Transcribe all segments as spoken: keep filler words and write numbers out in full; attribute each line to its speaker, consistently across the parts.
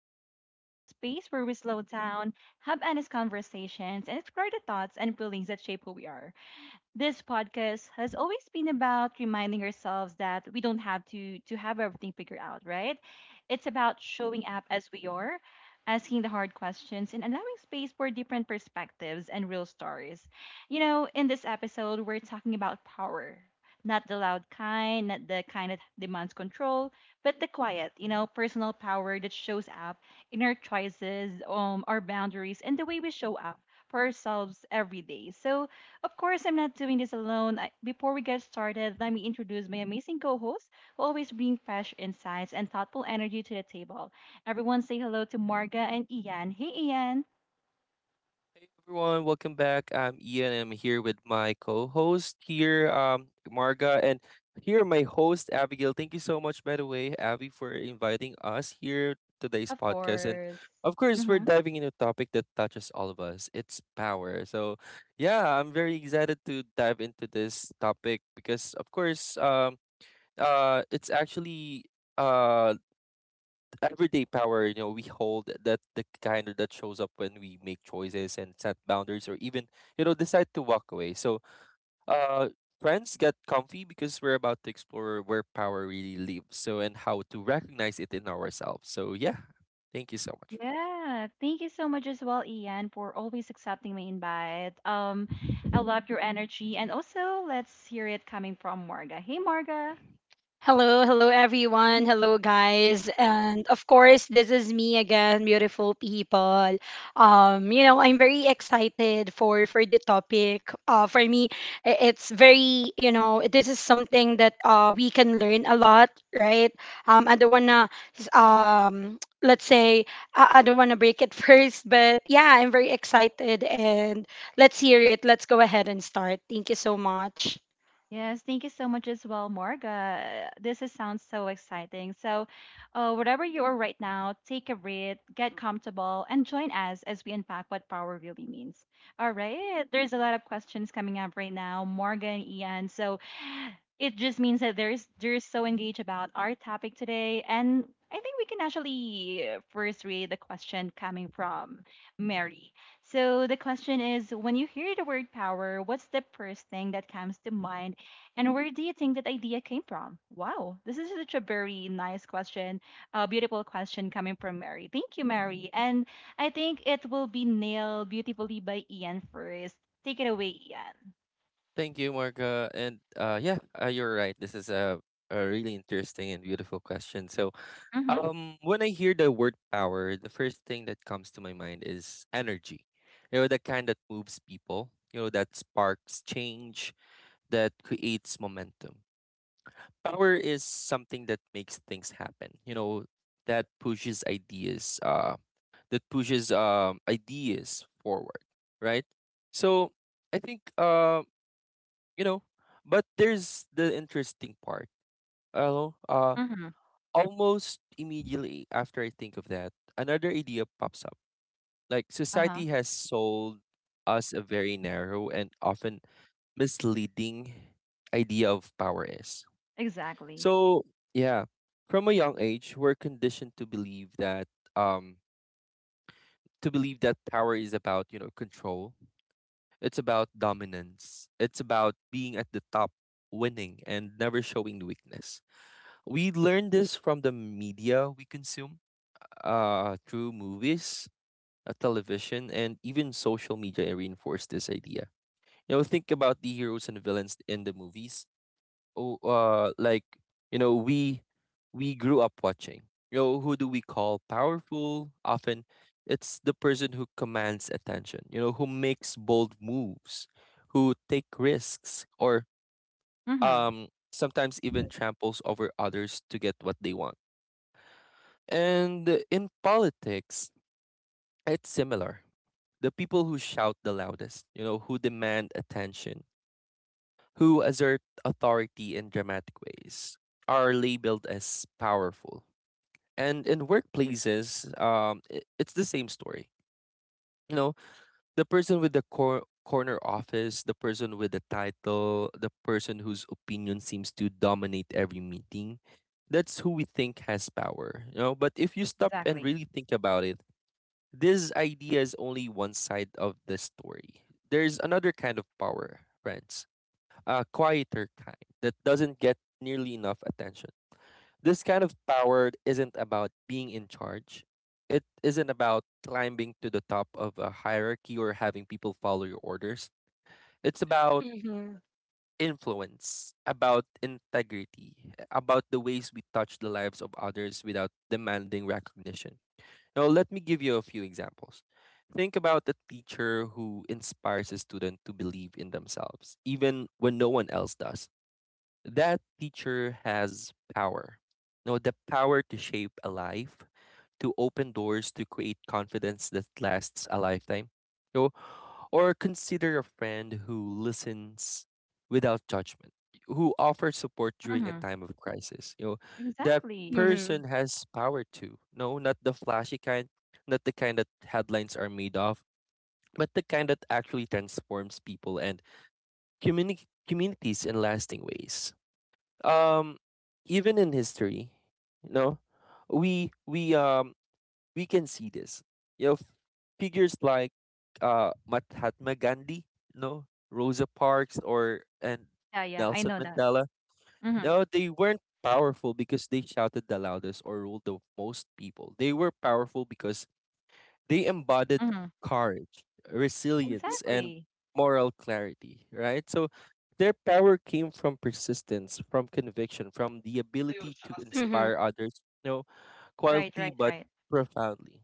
Speaker 1: Abby Vibes, a space where we slow down, have honest conversations, and explore the thoughts and feelings that shape who we are. This podcast has always been about reminding ourselves that we don't have to to have everything figured out, right? It's about showing up as we are, asking the hard questions and allowing space for different perspectives and real stories. You know, in this episode, we're talking about power. Not the loud kind, not the kind that demands control, but the quiet, you know, personal power that shows up in our choices, um, our boundaries, and the way we show up for ourselves every day. So, of course, I'm not doing this alone. I, before we get started, let me introduce my amazing co host who always bring fresh insights and thoughtful energy to the table. Everyone say hello to Marga and Ian. Hey, Ian.
Speaker 2: Hey everyone, welcome back. I'm Ian. I'm here with my co-host here, um, Marga, and here my host Abigail. Thank you so much, by the way, Abby, for inviting us here today's
Speaker 1: Of
Speaker 2: podcast. And
Speaker 1: course.
Speaker 2: of course, we're
Speaker 1: Mm-hmm.
Speaker 2: diving into a topic that touches all of us. It's power. So yeah, I'm very excited to dive into this topic because, of course, um, uh, it's actually uh everyday power, you know we hold, that the kind that shows up when we make choices and set boundaries, or even you know decide to walk away. So uh friends, get comfy, because we're about to explore where power really lives so and how to recognize it in ourselves. So yeah, thank you so much.
Speaker 1: Yeah, thank you so much as well, Ian, for always accepting my invite. Um, I love your energy, and also let's hear it coming from Marga. Hey, Marga.
Speaker 3: Hello, hello everyone. Hello guys. And of course, this is me again, beautiful people. Um, you know, I'm very excited for for the topic. Uh for me, i- it's very, you know, this is something that uh we can learn a lot, right? Um I don't want to um let's say I, I don't want to break it first, but yeah, I'm very excited and let's hear it. Let's go ahead and start. Thank you so much.
Speaker 1: Yes, thank you so much as well, Morga. This is, sounds so exciting. So, uh, wherever you are right now, take a breath, get comfortable, and join us as we unpack what power really means. All right, there's a lot of questions coming up right now, Morga and Ian. So, it just means that there's they're so engaged about our topic today, and I think we can actually uh, first read the question coming from Mary. So the question is, when you hear the word power, what's the first thing that comes to mind? And where do you think that idea came from? Wow, this is such a very nice question, a beautiful question coming from Mary. Thank you, Mary. And I think it will be nailed beautifully by Ian first. Take it away, Ian.
Speaker 2: Thank you, Marga, and uh yeah uh, you're right, this is a, a really interesting and beautiful question. So,
Speaker 1: Mm-hmm.
Speaker 2: Um, when I hear the word power, the first thing that comes to my mind is energy. You know, the kind that moves people, you know, that sparks change, that creates momentum. Power is something that makes things happen, you know, that pushes ideas, uh, that pushes um ideas forward, right? So I think uh, you know, but there's the interesting part. Uh, uh
Speaker 1: Mm-hmm.
Speaker 2: Almost immediately after I think of that, another idea pops up. Like
Speaker 1: Uh-huh.
Speaker 2: society has sold us a very narrow and often misleading idea of power is.
Speaker 1: Exactly.
Speaker 2: So, yeah, from a young age, we're conditioned to believe that um to believe that power is about, you know, control. It's about dominance. It's about being at the top, winning and never showing the weakness. We learn this from the media we consume, uh, through movies, uh, television, and even social media reinforce this idea. You know, think about the heroes and villains in the movies. Oh, uh, like you know, we we grew up watching. You know, who do we call powerful? Often, it's the person who commands attention. You know, who makes bold moves, who take risks, or
Speaker 1: Mm-hmm.
Speaker 2: um, sometimes even tramples over others to get what they want. And in politics, it's similar. The people who shout the loudest, you know, who demand attention, who assert authority in dramatic ways, are labeled as powerful. And in workplaces, um, i- it's the same story. You know, the person with the cor- corner office, the person with the title, the person whose opinion seems to dominate every meeting. That's who we think has power, you know. But if you stop and
Speaker 1: Exactly.
Speaker 2: really think about it, this idea is only one side of the story. There's another kind of power, friends, a quieter kind that doesn't get nearly enough attention. This kind of power isn't about being in charge. It isn't about climbing to the top of a hierarchy or having people follow your orders. It's about
Speaker 3: Mhm.
Speaker 2: influence, about integrity, about the ways we touch the lives of others without demanding recognition. Now, let me give you a few examples. Think about a teacher who inspires a student to believe in themselves, even when no one else does. That teacher has power. No, the power to shape a life, to open doors, to create confidence that lasts a lifetime. So, or consider a friend who listens without judgment, who offers support during a
Speaker 1: Mm-hmm.
Speaker 2: time of crisis. You know, that
Speaker 1: Exactly.
Speaker 3: Mhm.
Speaker 2: person has power too. No, not the flashy kind, not the kind that headlines are made of, but the kind that actually transforms people and communi- communities in lasting ways. um Even in history, you know we we um we can see this. you know f- Figures like uh Mahatma Gandhi, you know Rosa Parks, or and
Speaker 1: Yeah, yeah, I
Speaker 2: Nelson
Speaker 1: know that.
Speaker 2: Mandela, you
Speaker 1: Mm-hmm.
Speaker 2: know they weren't powerful because they shouted the loudest or ruled the most people. They were powerful because they embodied
Speaker 1: Mm-hmm.
Speaker 2: courage, resilience, and
Speaker 1: Exactly.
Speaker 2: moral clarity, right? So their power came from persistence, from conviction, from the ability to
Speaker 3: Mhm.
Speaker 2: inspire others, you know,
Speaker 1: Right,
Speaker 2: quietly
Speaker 1: right,
Speaker 2: but
Speaker 1: right.
Speaker 2: profoundly.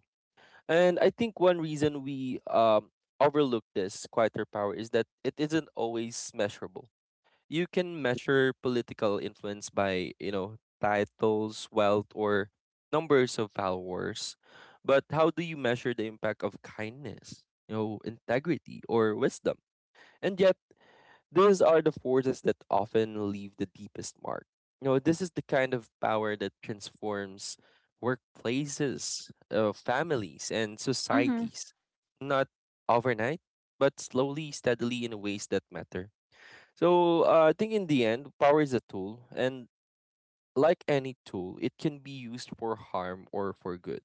Speaker 2: And I think one reason we um, overlook this quieter power is that it isn't always measurable you can measure political influence by, you know, titles, wealth, or numbers of followers. But how do you measure the impact of kindness, you know, integrity, or wisdom? And yet, these are the forces that often leave the deepest mark. You know, this is the kind of power that transforms workplaces, uh, families, and
Speaker 1: Mm-hmm.
Speaker 2: societies. Not overnight, but slowly, steadily, in ways that matter. So uh, I think in the end, power is a tool, and like any tool, it can be used for harm or for good.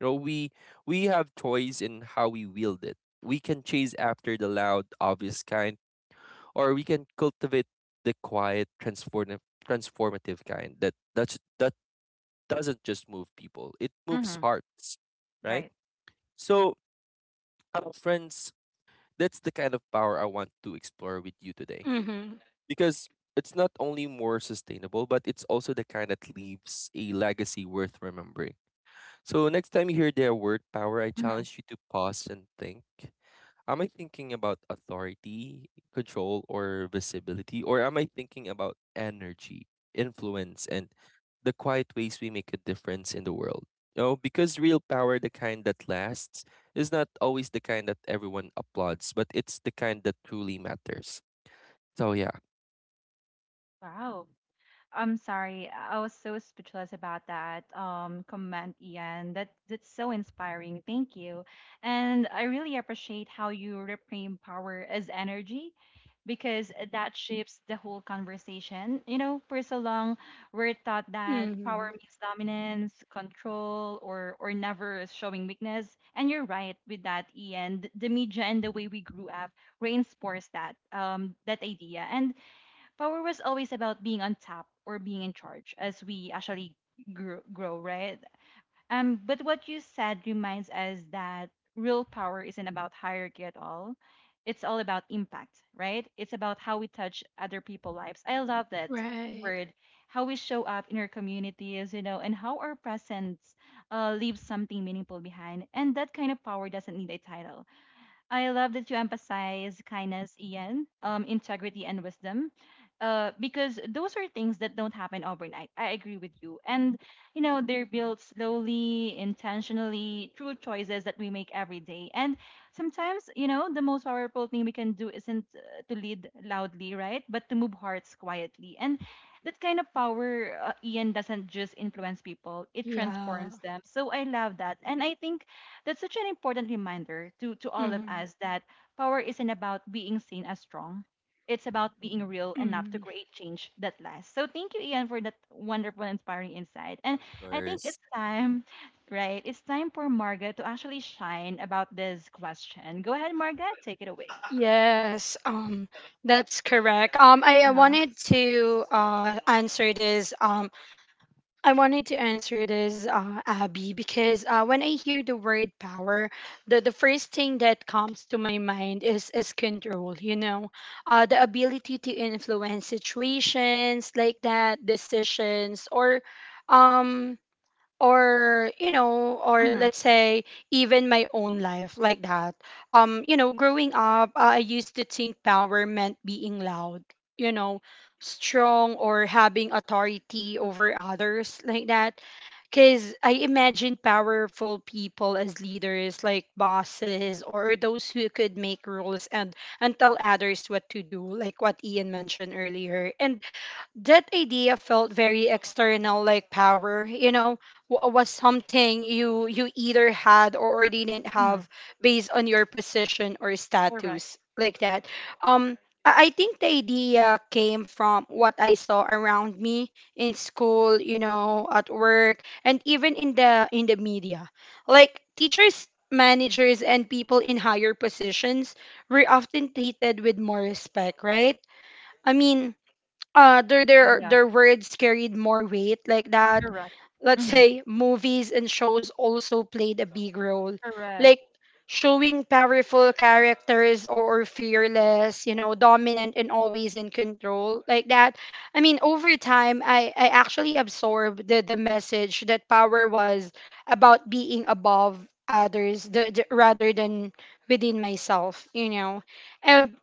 Speaker 2: You know, we we have choice in how we wield it. We can chase after the loud, obvious kind, or we can cultivate the quiet, transformative, transformative kind that that's, that doesn't just move people; it moves
Speaker 1: Mm-hmm.
Speaker 2: hearts, right?
Speaker 1: Right.
Speaker 2: So, uh, friends, that's the kind of power I want to explore with you today,
Speaker 3: Mm-hmm.
Speaker 2: because it's not only more sustainable, but it's also the kind that leaves a legacy worth remembering. So next time you hear the word power, I
Speaker 1: Mm-hmm.
Speaker 2: challenge you to pause and think. Am I thinking about authority, control, or visibility? Or am I thinking about energy, influence, and the quiet ways we make a difference in the world? You know, because real power, the kind that lasts, is not always the kind that everyone applauds, but it's the kind that truly matters. So, yeah.
Speaker 1: Wow. I'm sorry. I was so speechless about that um, comment, Ian. That that's so inspiring. Thank you, and I really appreciate how you reframe power as energy, because that shapes the whole conversation. You know, for so long we're taught that power
Speaker 3: Mm-hmm.
Speaker 1: means dominance, control, or or never showing weakness. And you're right with that, Ian. The the media and the way we grew up reinforced that um, that idea. And power was always about being on top or being in charge as we actually grow, grow right? Um, but what you said reminds us that real power isn't about hierarchy at all. It's all about impact, right? It's about how we touch other people's lives. I love that
Speaker 3: Right.
Speaker 1: word. How we show up in our communities, you know, and how our presence uh, leaves something meaningful behind. And that kind of power doesn't need a title. I love that you emphasize kindness, Ian, um, integrity, and wisdom, uh, because those are things that don't happen overnight. I agree with you. And, you know, they're built slowly, intentionally, through choices that we make every day. And sometimes, you know, the most powerful thing we can do isn't uh, to lead loudly, right? But to move hearts quietly. And that kind of power, uh, Ian, doesn't just influence people, it
Speaker 3: Yeah.
Speaker 1: transforms them. So I love that. And I think that's such an important reminder to, to all of
Speaker 3: Mm-hmm.
Speaker 1: us that power isn't about being seen as strong. It's about being real enough to
Speaker 3: Mm-hmm.
Speaker 1: create change that lasts. So thank you, Ian, for that wonderful, inspiring insight. And
Speaker 2: Of
Speaker 1: I think
Speaker 2: course.
Speaker 1: it's time, right? It's time for Margaret to actually shine about this question. Go ahead, Margaret. Take it away.
Speaker 3: Yes. Um, that's correct. Um, I uh,
Speaker 1: Uh-huh.
Speaker 3: wanted to uh answer this. Um, I wanted to answer this, uh, Abby, because uh, when I hear the word power, the the first thing that comes to my mind is is control. You know, uh, the ability to influence situations like that, decisions, or um or you know or
Speaker 1: Mm-hmm.
Speaker 3: let's say even my own life like that. Um you know, growing up, uh, I used to think power meant being loud, you know, strong or having authority over others like that, because I imagine powerful people as leaders like bosses or those who could make rules and and tell others what to do, like what Ian mentioned earlier. And that idea felt very external, like power, you know, w- was something you you either had or didn't
Speaker 1: Mm-hmm.
Speaker 3: have based on your position or
Speaker 1: Correct.
Speaker 3: status, like that. um I I think the idea came from what I saw around me in school, you know, at work, and even in the in the media. Like teachers, managers, and people in higher positions were often treated with more respect, right? I mean, uh their
Speaker 1: Yeah,
Speaker 3: their
Speaker 1: yeah.
Speaker 3: their words carried more weight, like that.
Speaker 1: Correct.
Speaker 3: Let's
Speaker 1: Mm-hmm.
Speaker 3: say movies and shows also played a big role, like
Speaker 1: Correct.
Speaker 3: showing powerful characters or, or fearless, you know, dominant and always in control, like that. I mean, over time, i i actually absorbed the the message that power was about being above others, the, the, rather than within myself, you know. And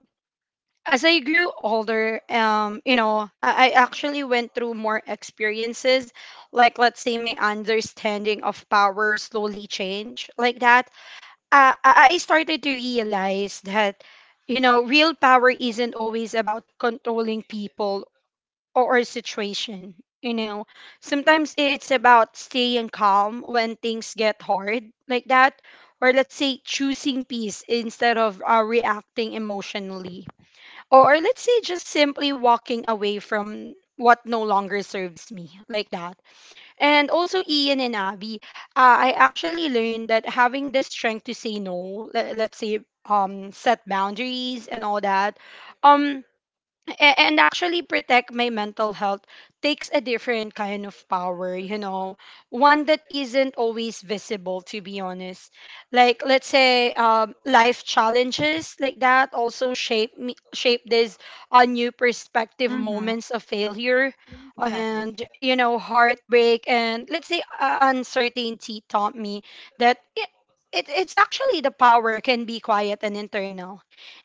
Speaker 3: as I grew older, um, you know, I, I actually went through more experiences. Like, let's say, my understanding of power slowly changed, like that. Uh, I I started to realize that, you know, real power isn't always about controlling people or, or situation. You know, sometimes i- it's about staying calm when things get hard, like that. Or let's say choosing peace instead of uh, reacting emotionally, or or let's say just simply walking away from what no longer serves me, like that. And also, Ian and Abby, uh, I actually learned that having the strength to say no, let, let's say, um set boundaries and all that, um a- and actually protect my mental health takes a different kind of power, you know, one that isn't always visible, to be honest. Like, let's say, um, life challenges, like that, also shape me, shape this uh, new perspective.
Speaker 1: Mm-hmm.
Speaker 3: Moments of failure
Speaker 1: Mm. Exactly.
Speaker 3: and, you know, heartbreak, and let's say, uh, uncertainty taught me that it, it, it's actually the power can be quiet and internal.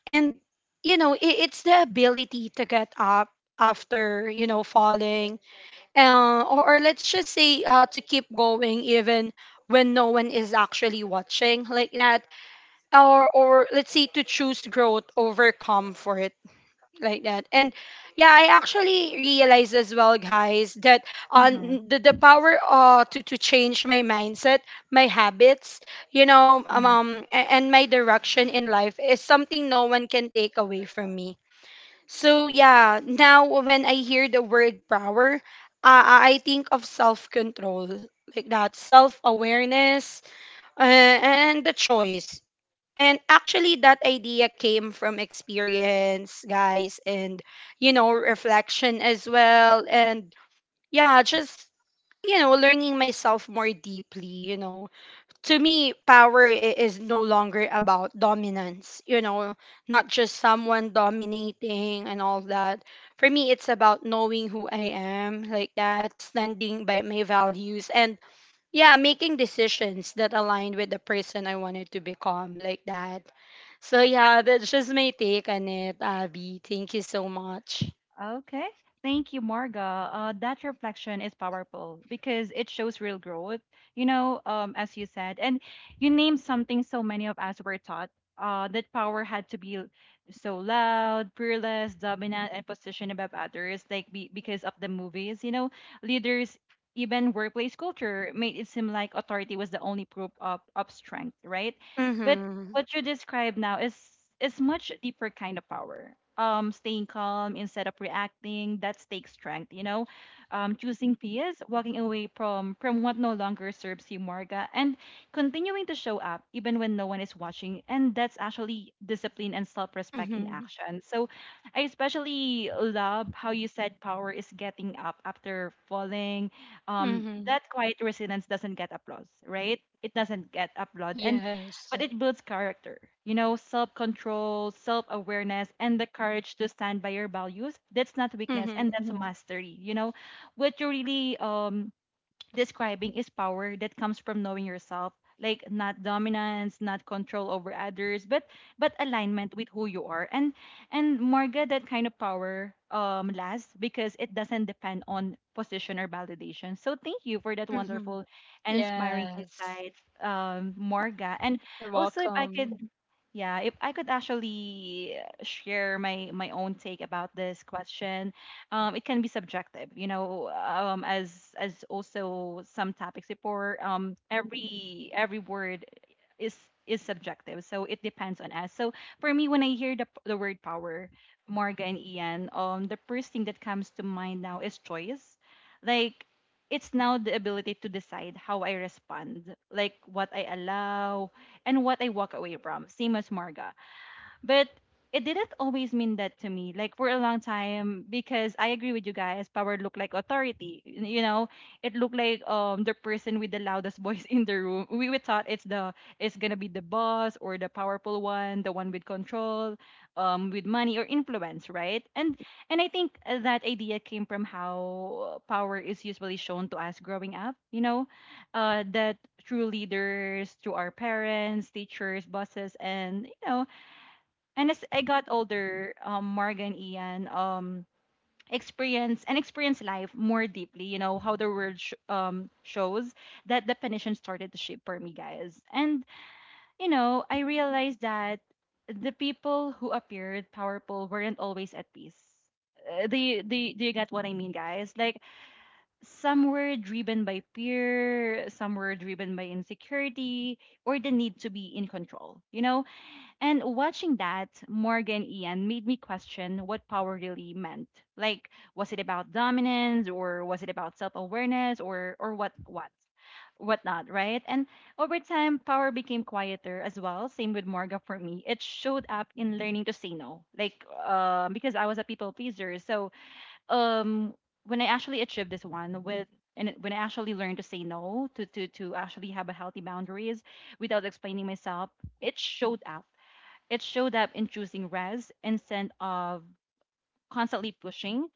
Speaker 3: And you know, it, it's the ability to get up after, you know, falling, uh, or, or let's just say, uh, to keep going even when no one is actually watching, like that, or or let's say to choose growth over comfort, like that. And yeah, I actually realized as well, guys, that
Speaker 1: Mm-hmm.
Speaker 3: on the, the power uh to, to change my mindset, my habits, you know, um, um a- and my direction in life is something no one can take away from me. So yeah, now when I hear the word power, uh, I think of self-control, like that, self-awareness, uh, and the choice. And actually, that idea came from experience, guys, and you know, reflection as well, and yeah, just, you know, learning myself more deeply. You know, to me, power i- is no longer about dominance, you know, not just someone dominating and all that. For me, it's about knowing who I am, like that, standing by my values, and yeah, making decisions that align with the person I wanted to become, like that. So yeah, that's just my take on it, Abby. Thank you so much.
Speaker 1: Okay. Thank you, Marga. Uh, that reflection is powerful because it shows real growth, you know, um, as you said. And you named something so many of us were taught uh, that power had to be so loud, fearless, dominant, and positioned above others, like be- because of the movies, you know, leaders. Even workplace culture made it seem like authority was the only proof of, of strength, right? But
Speaker 3: Mm-hmm.
Speaker 1: what you describe now is is much deeper kind of power. Um, staying calm instead of reacting that takes strength. You know, um, choosing peace, walking away from from what no longer serves you, Marga, and continuing to show up even when no one is watching. And that's actually discipline and self-respect in
Speaker 3: Mm-hmm.
Speaker 1: action. So, I especially love how you said power is getting up after falling. Um,
Speaker 3: Mm-hmm.
Speaker 1: that quiet resilience doesn't get applause, right? It doesn't get applaud, and
Speaker 3: Yes.
Speaker 1: but it builds character, you know, self control, self awareness, and the courage to stand by your values. That's not weakness, and
Speaker 3: Mm-hmm.
Speaker 1: that's mhm, mastery, you know, what you really um describing is power that comes from knowing yourself, like not dominance, not control over others, but but alignment with who you are. and and Marga, that kind of power um lasts because it doesn't depend on position or validation. So thank you for that
Speaker 3: Mm-hmm.
Speaker 1: wonderful and inspiring
Speaker 3: Yes.
Speaker 1: insight, um, Marga. And
Speaker 3: You're
Speaker 1: also, if I
Speaker 3: welcome.
Speaker 1: could, yeah, if I could actually uh, share my my own take about this question, um, it can be subjective, you know, um, as as also some topics before, um, every every word is is subjective, so it depends on us. So for me, when I hear the, the word power, Marga and Ian, um, the first thing that comes to mind now is choice. Like it's now the ability to decide how I respond, like what I allow and what I walk away from, same as Marga. But it didn't always mean that to me, like for a long time, because I agree with you guys, power looked like authority. y- You know, it looked like um the person with the loudest voice in the room. We, we thought it's the it's gonna be the boss or the powerful one, the one with control, um, with money or influence, right? And and I think uh, that idea came from how power is usually shown to us growing up, you know, uh, that through leaders, through our parents, teachers, bosses, and you know, and as I got older, um, Marga and Ian, um, experience and experience life more deeply. You know how the world sh- um, shows that definition started to shape for me, guys. And you know, I realized that the people who appeared powerful weren't always at peace. Uh, Do you, do, you, do you get what I mean, guys? Like, some were driven by fear, some were driven by insecurity, or the need to be in control. You know, and watching that, Morgan Ian, made me question what power really meant. Like, was it about dominance or was it about self-awareness or or what what? Whatnot, right? And over time, power became quieter as well. Same with Morga for me. It showed up in learning to say no, like um, because I was a people pleaser. So um, when I actually achieved this one with and it- when I actually learned to say no, to to to actually have a healthy boundaries without explaining myself, it showed up it showed up in choosing rest instead of constantly pushing,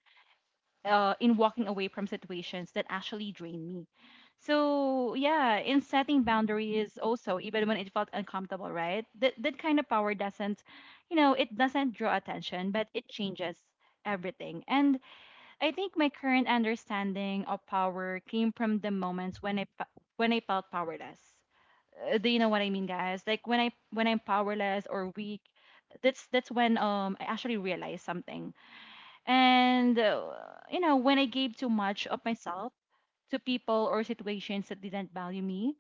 Speaker 1: uh, in walking away from situations that actually drain me. So yeah, in setting boundaries also, even when it felt uncomfortable, right? That that kind of power doesn't, you know, it doesn't draw attention, but it changes everything. And I think my current understanding of power came from the moments when I fe- when I felt powerless. Uh, do you know what I mean, guys? Like when I when I'm powerless or weak, that's that's when um I actually realized something. And uh, you know, when I gave too much of myself to people or situations that didn't value me,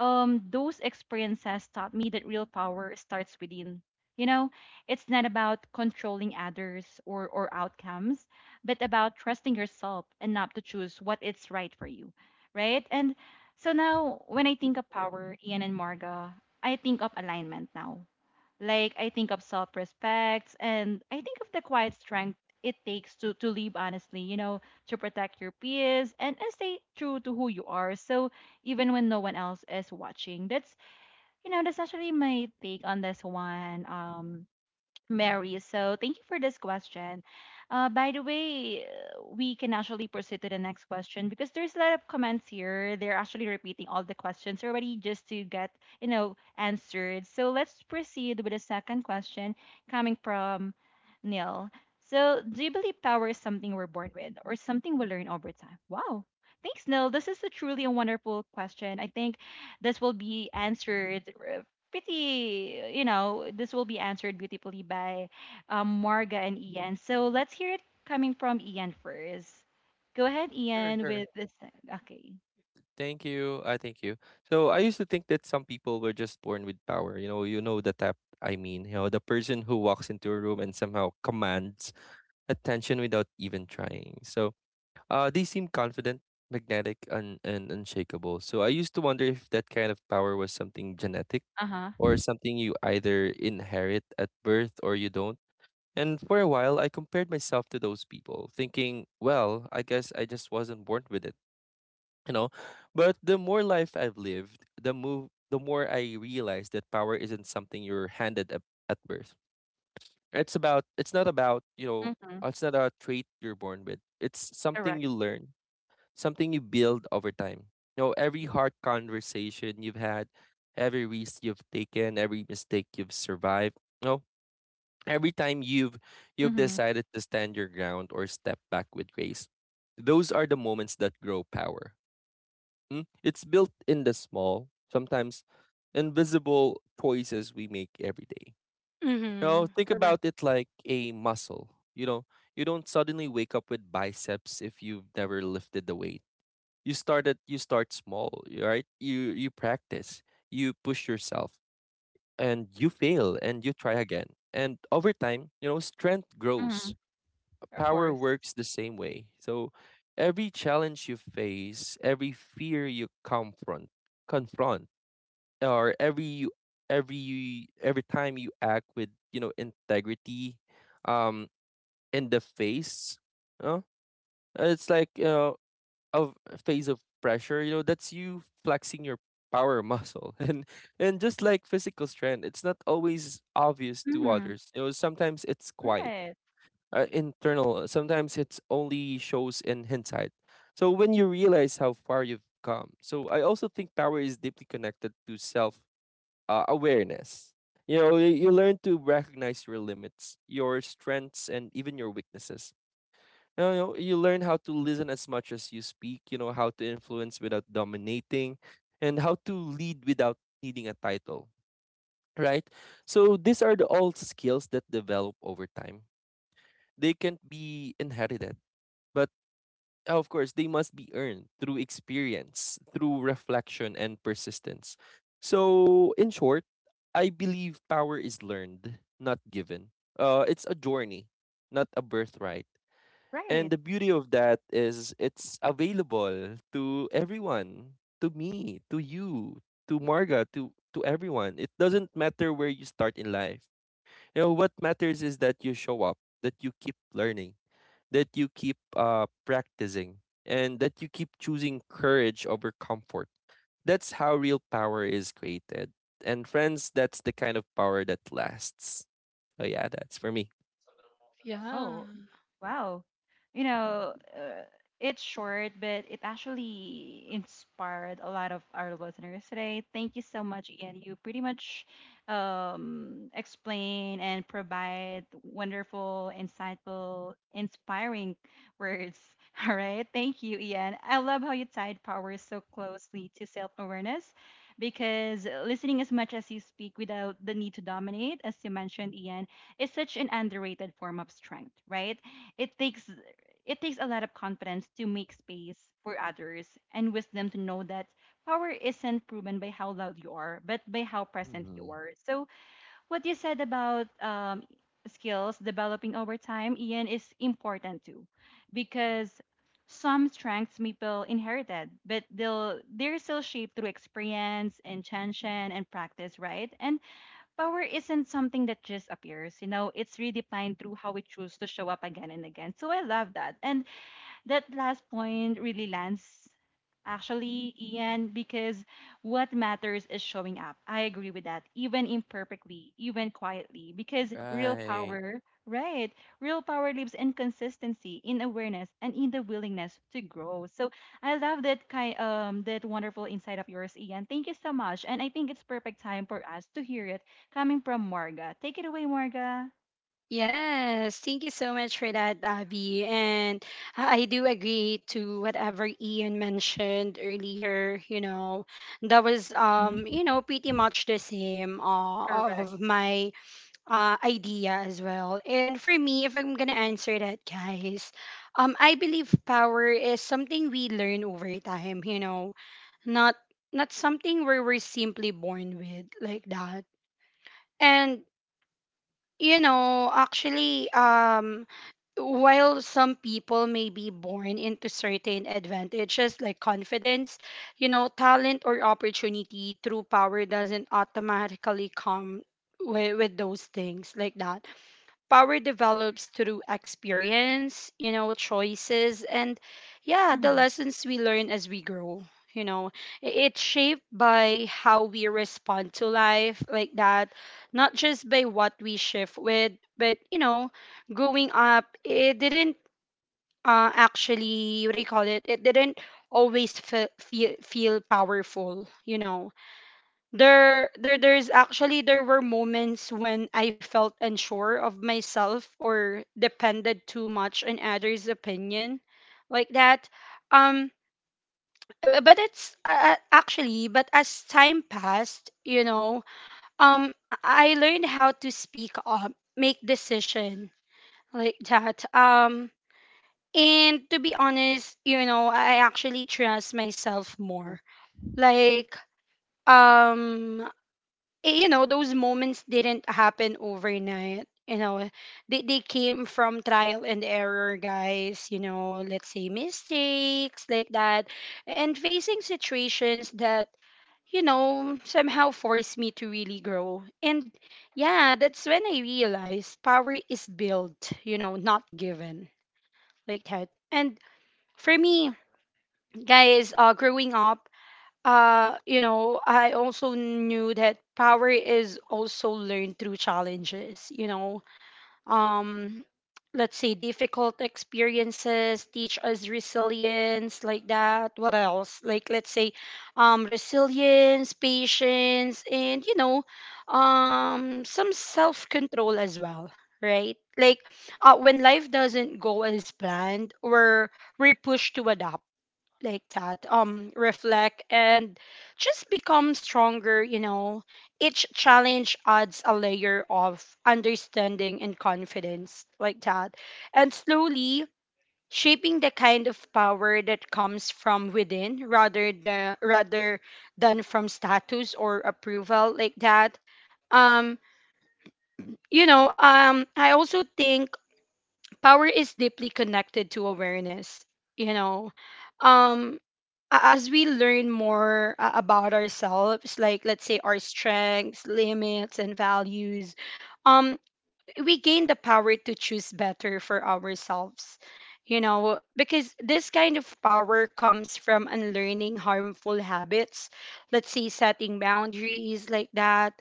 Speaker 1: um, those experiences taught me that real power starts within. You know, it's not about controlling others or, or outcomes, but about trusting yourself enough to choose what is right for you, right? And so now, when I think of power, Ian and Marga, I think of alignment now. Like I think of self-respect and I think of the quiet strength it takes to to live honestly, you know, to protect your peers and, and stay true to who you are. So even when no one else is watching, that's you know that's actually my take on this one. Um, Mary. So thank you for this question. Uh, by the way, uh, we can actually proceed to the next question because there's a lot of comments here. They're actually repeating all the questions already just to get, you know, answered. So let's proceed with the second question coming from Neil. So do you believe power is something we're born with or something we learn over time? Wow. Thanks, Neil. This is a truly a wonderful question. I think this will be answered uh, pretty, you know, this will be answered beautifully by um, Marga and Ian. So let's hear it coming from Ian first. Go ahead,
Speaker 2: Sure,
Speaker 1: Ian,
Speaker 2: sure.
Speaker 1: with this. Okay.
Speaker 2: Thank you. I thank you. So I used to think that some people were just born with power. You know, you know the type I mean, you know, the person who walks into a room and somehow commands attention without even trying. So uh they seem confident, magnetic, and, and unshakable. So I used to wonder if that kind of power was something genetic,
Speaker 1: Uh huh.
Speaker 2: or something you either inherit at birth or you don't. And for a while I compared myself to those people, thinking, well, I guess I just wasn't born with it. you know but the more life I've lived, the move the more I realize that power isn't something you're handed at, at birth. It's about it's not about, you know
Speaker 1: Mm-hmm.
Speaker 2: uh, it's not a trait you're born with it's something
Speaker 1: Correct.
Speaker 2: you learn, something you build over time you know every hard conversation you've had, every risk you've taken, every mistake you've survived, you know every time you've you've
Speaker 1: Mm-hmm.
Speaker 2: decided to stand your ground or step back with grace, those are the moments that grow power Mm, It's built in the small, sometimes invisible choices we make every day. You know,
Speaker 3: Mm-hmm.
Speaker 2: think
Speaker 3: Correct.
Speaker 2: about it like a muscle. You know, you don't suddenly wake up with biceps if you've never lifted the weight. You start at you start small, y- right? You you practice, you push yourself, and you fail and you try again. And over time, you know, strength
Speaker 1: Mm-hmm.
Speaker 2: grows
Speaker 1: Of
Speaker 2: power
Speaker 1: course.
Speaker 2: works the same way. So every challenge you face, every fear you confront, confront, or every you every you- every time you act with you know integrity, um, in the face, you know, it's like you know of a phase of pressure. You know, that's you flexing your power muscle and and just like physical strength, it's not always obvious to
Speaker 1: Mm-hmm.
Speaker 2: others. You know sometimes it's quiet,
Speaker 1: Right.
Speaker 2: uh, internal. Sometimes it's only shows in hindsight. So when you realize how far you've come. So I also think power is deeply connected to self uh, awareness. You know, you, you learn to recognize your limits, your strengths, and even your weaknesses. You know, you learn how to listen as much as you speak. You know how to influence without dominating, and how to lead without needing a title. Right. So these are the all skills that develop over time. They can't be inherited, but uh, of course, they must be earned through experience, through reflection and persistence. So, in short, I believe power is learned, not given. Uh, it's a journey, not a birthright. And
Speaker 1: Right.
Speaker 2: the beauty of that is it's available to everyone, to me, to you, to Marga, to to everyone. It doesn't matter where you start in life. You know what matters is that you show up, that you keep learning, that you keep uh, practicing, and that you keep choosing courage over comfort. That's how real power is created. And friends, that's the kind of power that lasts. So yeah, that's for me.
Speaker 3: Yeah.
Speaker 1: Oh, wow. You know, uh, it's short, but it actually inspired a lot of our listeners today. Thank you so much, Ian. You pretty much um, explain and provide wonderful, insightful, inspiring words. All right. Thank you, Ian. I love how you tied power so closely to self awareness because listening as much as you speak without the need to dominate, as you mentioned, Ian is such an underrated form of strength, right? It takes it takes a lot of confidence to make space for others and wisdom to know that power isn't proven by how loud you are, but by how present you
Speaker 2: Mm,
Speaker 1: are. So what you said about um, skills developing over time, Ian, is important too, because some strengths may feel inherited, but they'll they're still shaped through experience, intention, and practice, right? And power isn't something that just appears, you know, it's redefined through how we choose to show up again and again. So I love that. And that last point really lands actually, Ian, because what matters is showing up. I agree with that, even imperfectly, even quietly, because real
Speaker 2: right.
Speaker 1: power, right, real power lives in consistency, in awareness, and in the willingness to grow. So I love that kind um that wonderful insight of yours, Ian. Thank you so much. And I think it's perfect time for us to hear it coming from Marga. Take it away, Marga.
Speaker 3: Yes, thank you so much for that, Abby. And I I do agree to whatever Ian mentioned earlier. You know, that was um,
Speaker 1: Mhm.
Speaker 3: you know, pretty much the same, uh,
Speaker 1: Correct.
Speaker 3: of my uh, idea as well. And for me, if I'm gonna answer that, guys, um, I believe power is something we learn over time. You know, not not something where we're simply born with, like that. And you know, actually, um, while some people may be born into certain advantages like confidence, you know, talent or opportunity, true power doesn't automatically come with, with those things, like that. Power develops through experience, you know, choices, and yeah, the lessons we learn as we grow. You know, I- it's shaped by how we respond to life, like that, not just by what we shift with, but you know, growing up, it didn't, uh, actually, what do you call it? It didn't always fe- feel feel powerful, you know. There there there's actually, there were moments when I felt unsure of myself or depended too much on others' opinion, like that. um b- but it's uh, uh, actually, but as time passed, you know, um I I learned how to speak up, make decision, like that. Um and to be honest, you know, I actually trust myself more, like, um eh, you know, those moments didn't happen overnight, you know. They, they came from trial and error, guys, you know, let's say mistakes, like that, and facing situations that, you know, somehow forced me to really grow. And yeah, that's when I realized power is built, you know, not given, like that. And for me, guys, uh growing up, uh, you know, I also knew that power is also learned through challenges, you know. Um, let's say difficult experiences teach us resilience, like that. What else? Like, let's say, um, resilience, patience, and, you know, um, some self control as well, right? Like, uh, when life doesn't go as planned, we're, we're pushed to adapt, like that, um reflect, and just become stronger, you know. Each challenge adds a layer of understanding and confidence, like that, and slowly shaping the kind of power that comes from within, rather than rather than from status or approval, like that. um you know, um I also think power is deeply connected to awareness, you know. um a- as we learn more uh, about ourselves, like, let's say, our strengths, limits, and values, um we gain the power to choose better for ourselves, you know, because this kind of power comes from unlearning harmful habits, let's say setting boundaries, like that,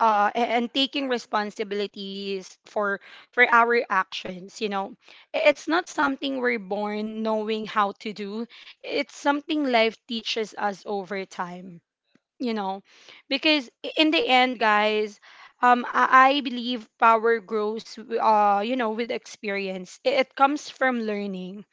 Speaker 3: uh, a- and taking responsibilities for for our actions, you know. I- it's not something we're born knowing how to do, it's something life teaches us over time, you know. Because i- in the end, guys, um i, I believe power grows, w- uh you know, with experience. It, it comes from learning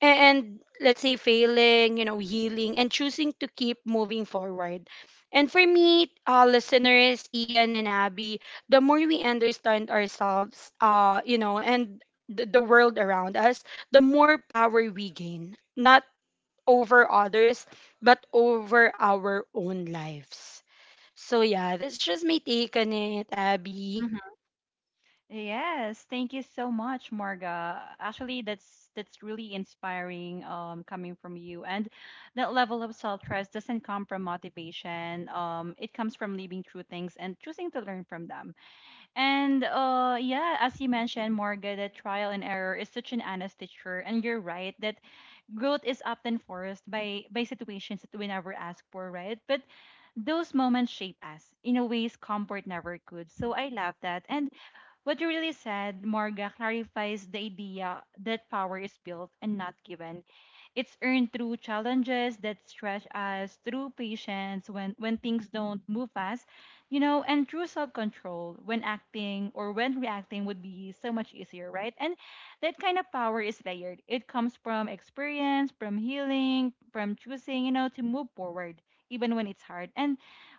Speaker 3: and, and let's say failing, you know, healing and choosing to keep moving forward. And for me, uh listeners, Ian and Abby, the more we understand ourselves, uh you know, and the, the world around us, the more power we gain, not over others, but over our own lives. So yeah, that's just my take on it, Abby.
Speaker 1: Mhm. Yes, thank you so much, Marga. Actually, that's that's really inspiring um coming from you. And that level of self-trust doesn't come from motivation. Um it comes from living through things and choosing to learn from them. And uh yeah, as you mentioned, Marga, that trial and error is such an honest teacher, and you're right that growth is often forced by by situations that we never ask for, right? But those moments shape us in a ways comfort never could. So I love that. And what you really said, Morga, clarifies the idea that power is built and not given. It's earned through challenges that stretch us, through patience when, when things don't move fast, you know, and through self control when acting or when reacting would be so much easier, right? And that kind of power is layered. It comes from experience, from healing, from choosing, you know, to move forward, even when it's hard. And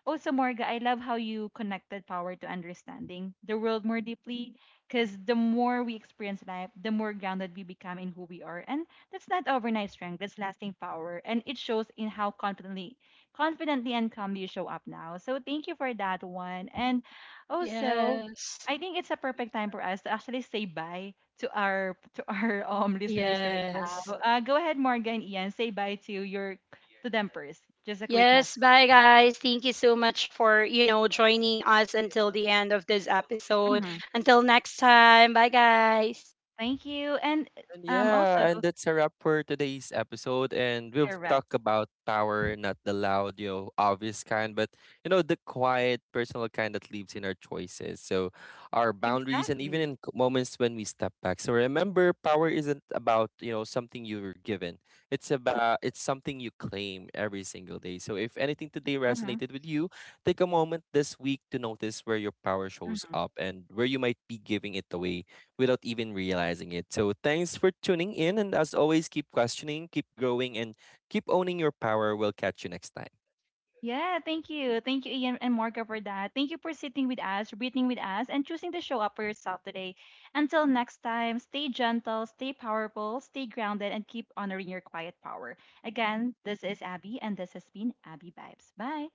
Speaker 1: also, Morga, I love how you connected power to understanding the world more deeply, because the more we experience life, the more grounded we become in who we are. And that's not overnight strength, that's lasting power. And it shows in how confidently confidently and calmly you show up now. So thank you for that one. And also
Speaker 3: Yes.
Speaker 1: I think it's a perfect time for us to actually say bye to our to our um listeners right now.
Speaker 3: Yes.
Speaker 1: Uh, go ahead, Morgan, Ian, say bye to your to them first. Just a quick message.
Speaker 3: Yes, bye guys. Thank you so much for, you know, joining us until the end of this episode. Until next time. Bye guys.
Speaker 1: Thank you. And
Speaker 2: And
Speaker 1: um, also
Speaker 2: yeah, and that's a wrap for today's episode. And we've
Speaker 1: correct.
Speaker 2: talked about power, not the loud, you know, obvious kind, but you know, the quiet, personal kind that lives in our choices. So, our boundaries, and even
Speaker 1: Exactly.
Speaker 2: in c- moments when we step back. So remember, power isn't about you know something you were given. It's about it's something you claim every single day. So if anything today
Speaker 1: Mm-hmm.
Speaker 2: resonated with you, take a moment this week to notice where your power shows
Speaker 1: Mm-hmm.
Speaker 2: up and where you might be giving it away without even realizing it. So thanks for tuning in. And as always, keep questioning, keep growing, and keep owning your power. We'll catch you next time.
Speaker 1: Yeah, thank you. Thank you, Ian and Morga, for that. Thank you for sitting with us, breathing with us, and choosing to show up for yourself today. Until next time, stay gentle, stay powerful, stay grounded, and keep honoring your quiet power. Again, this is Abby, and this has been Abby Vibes. Bye.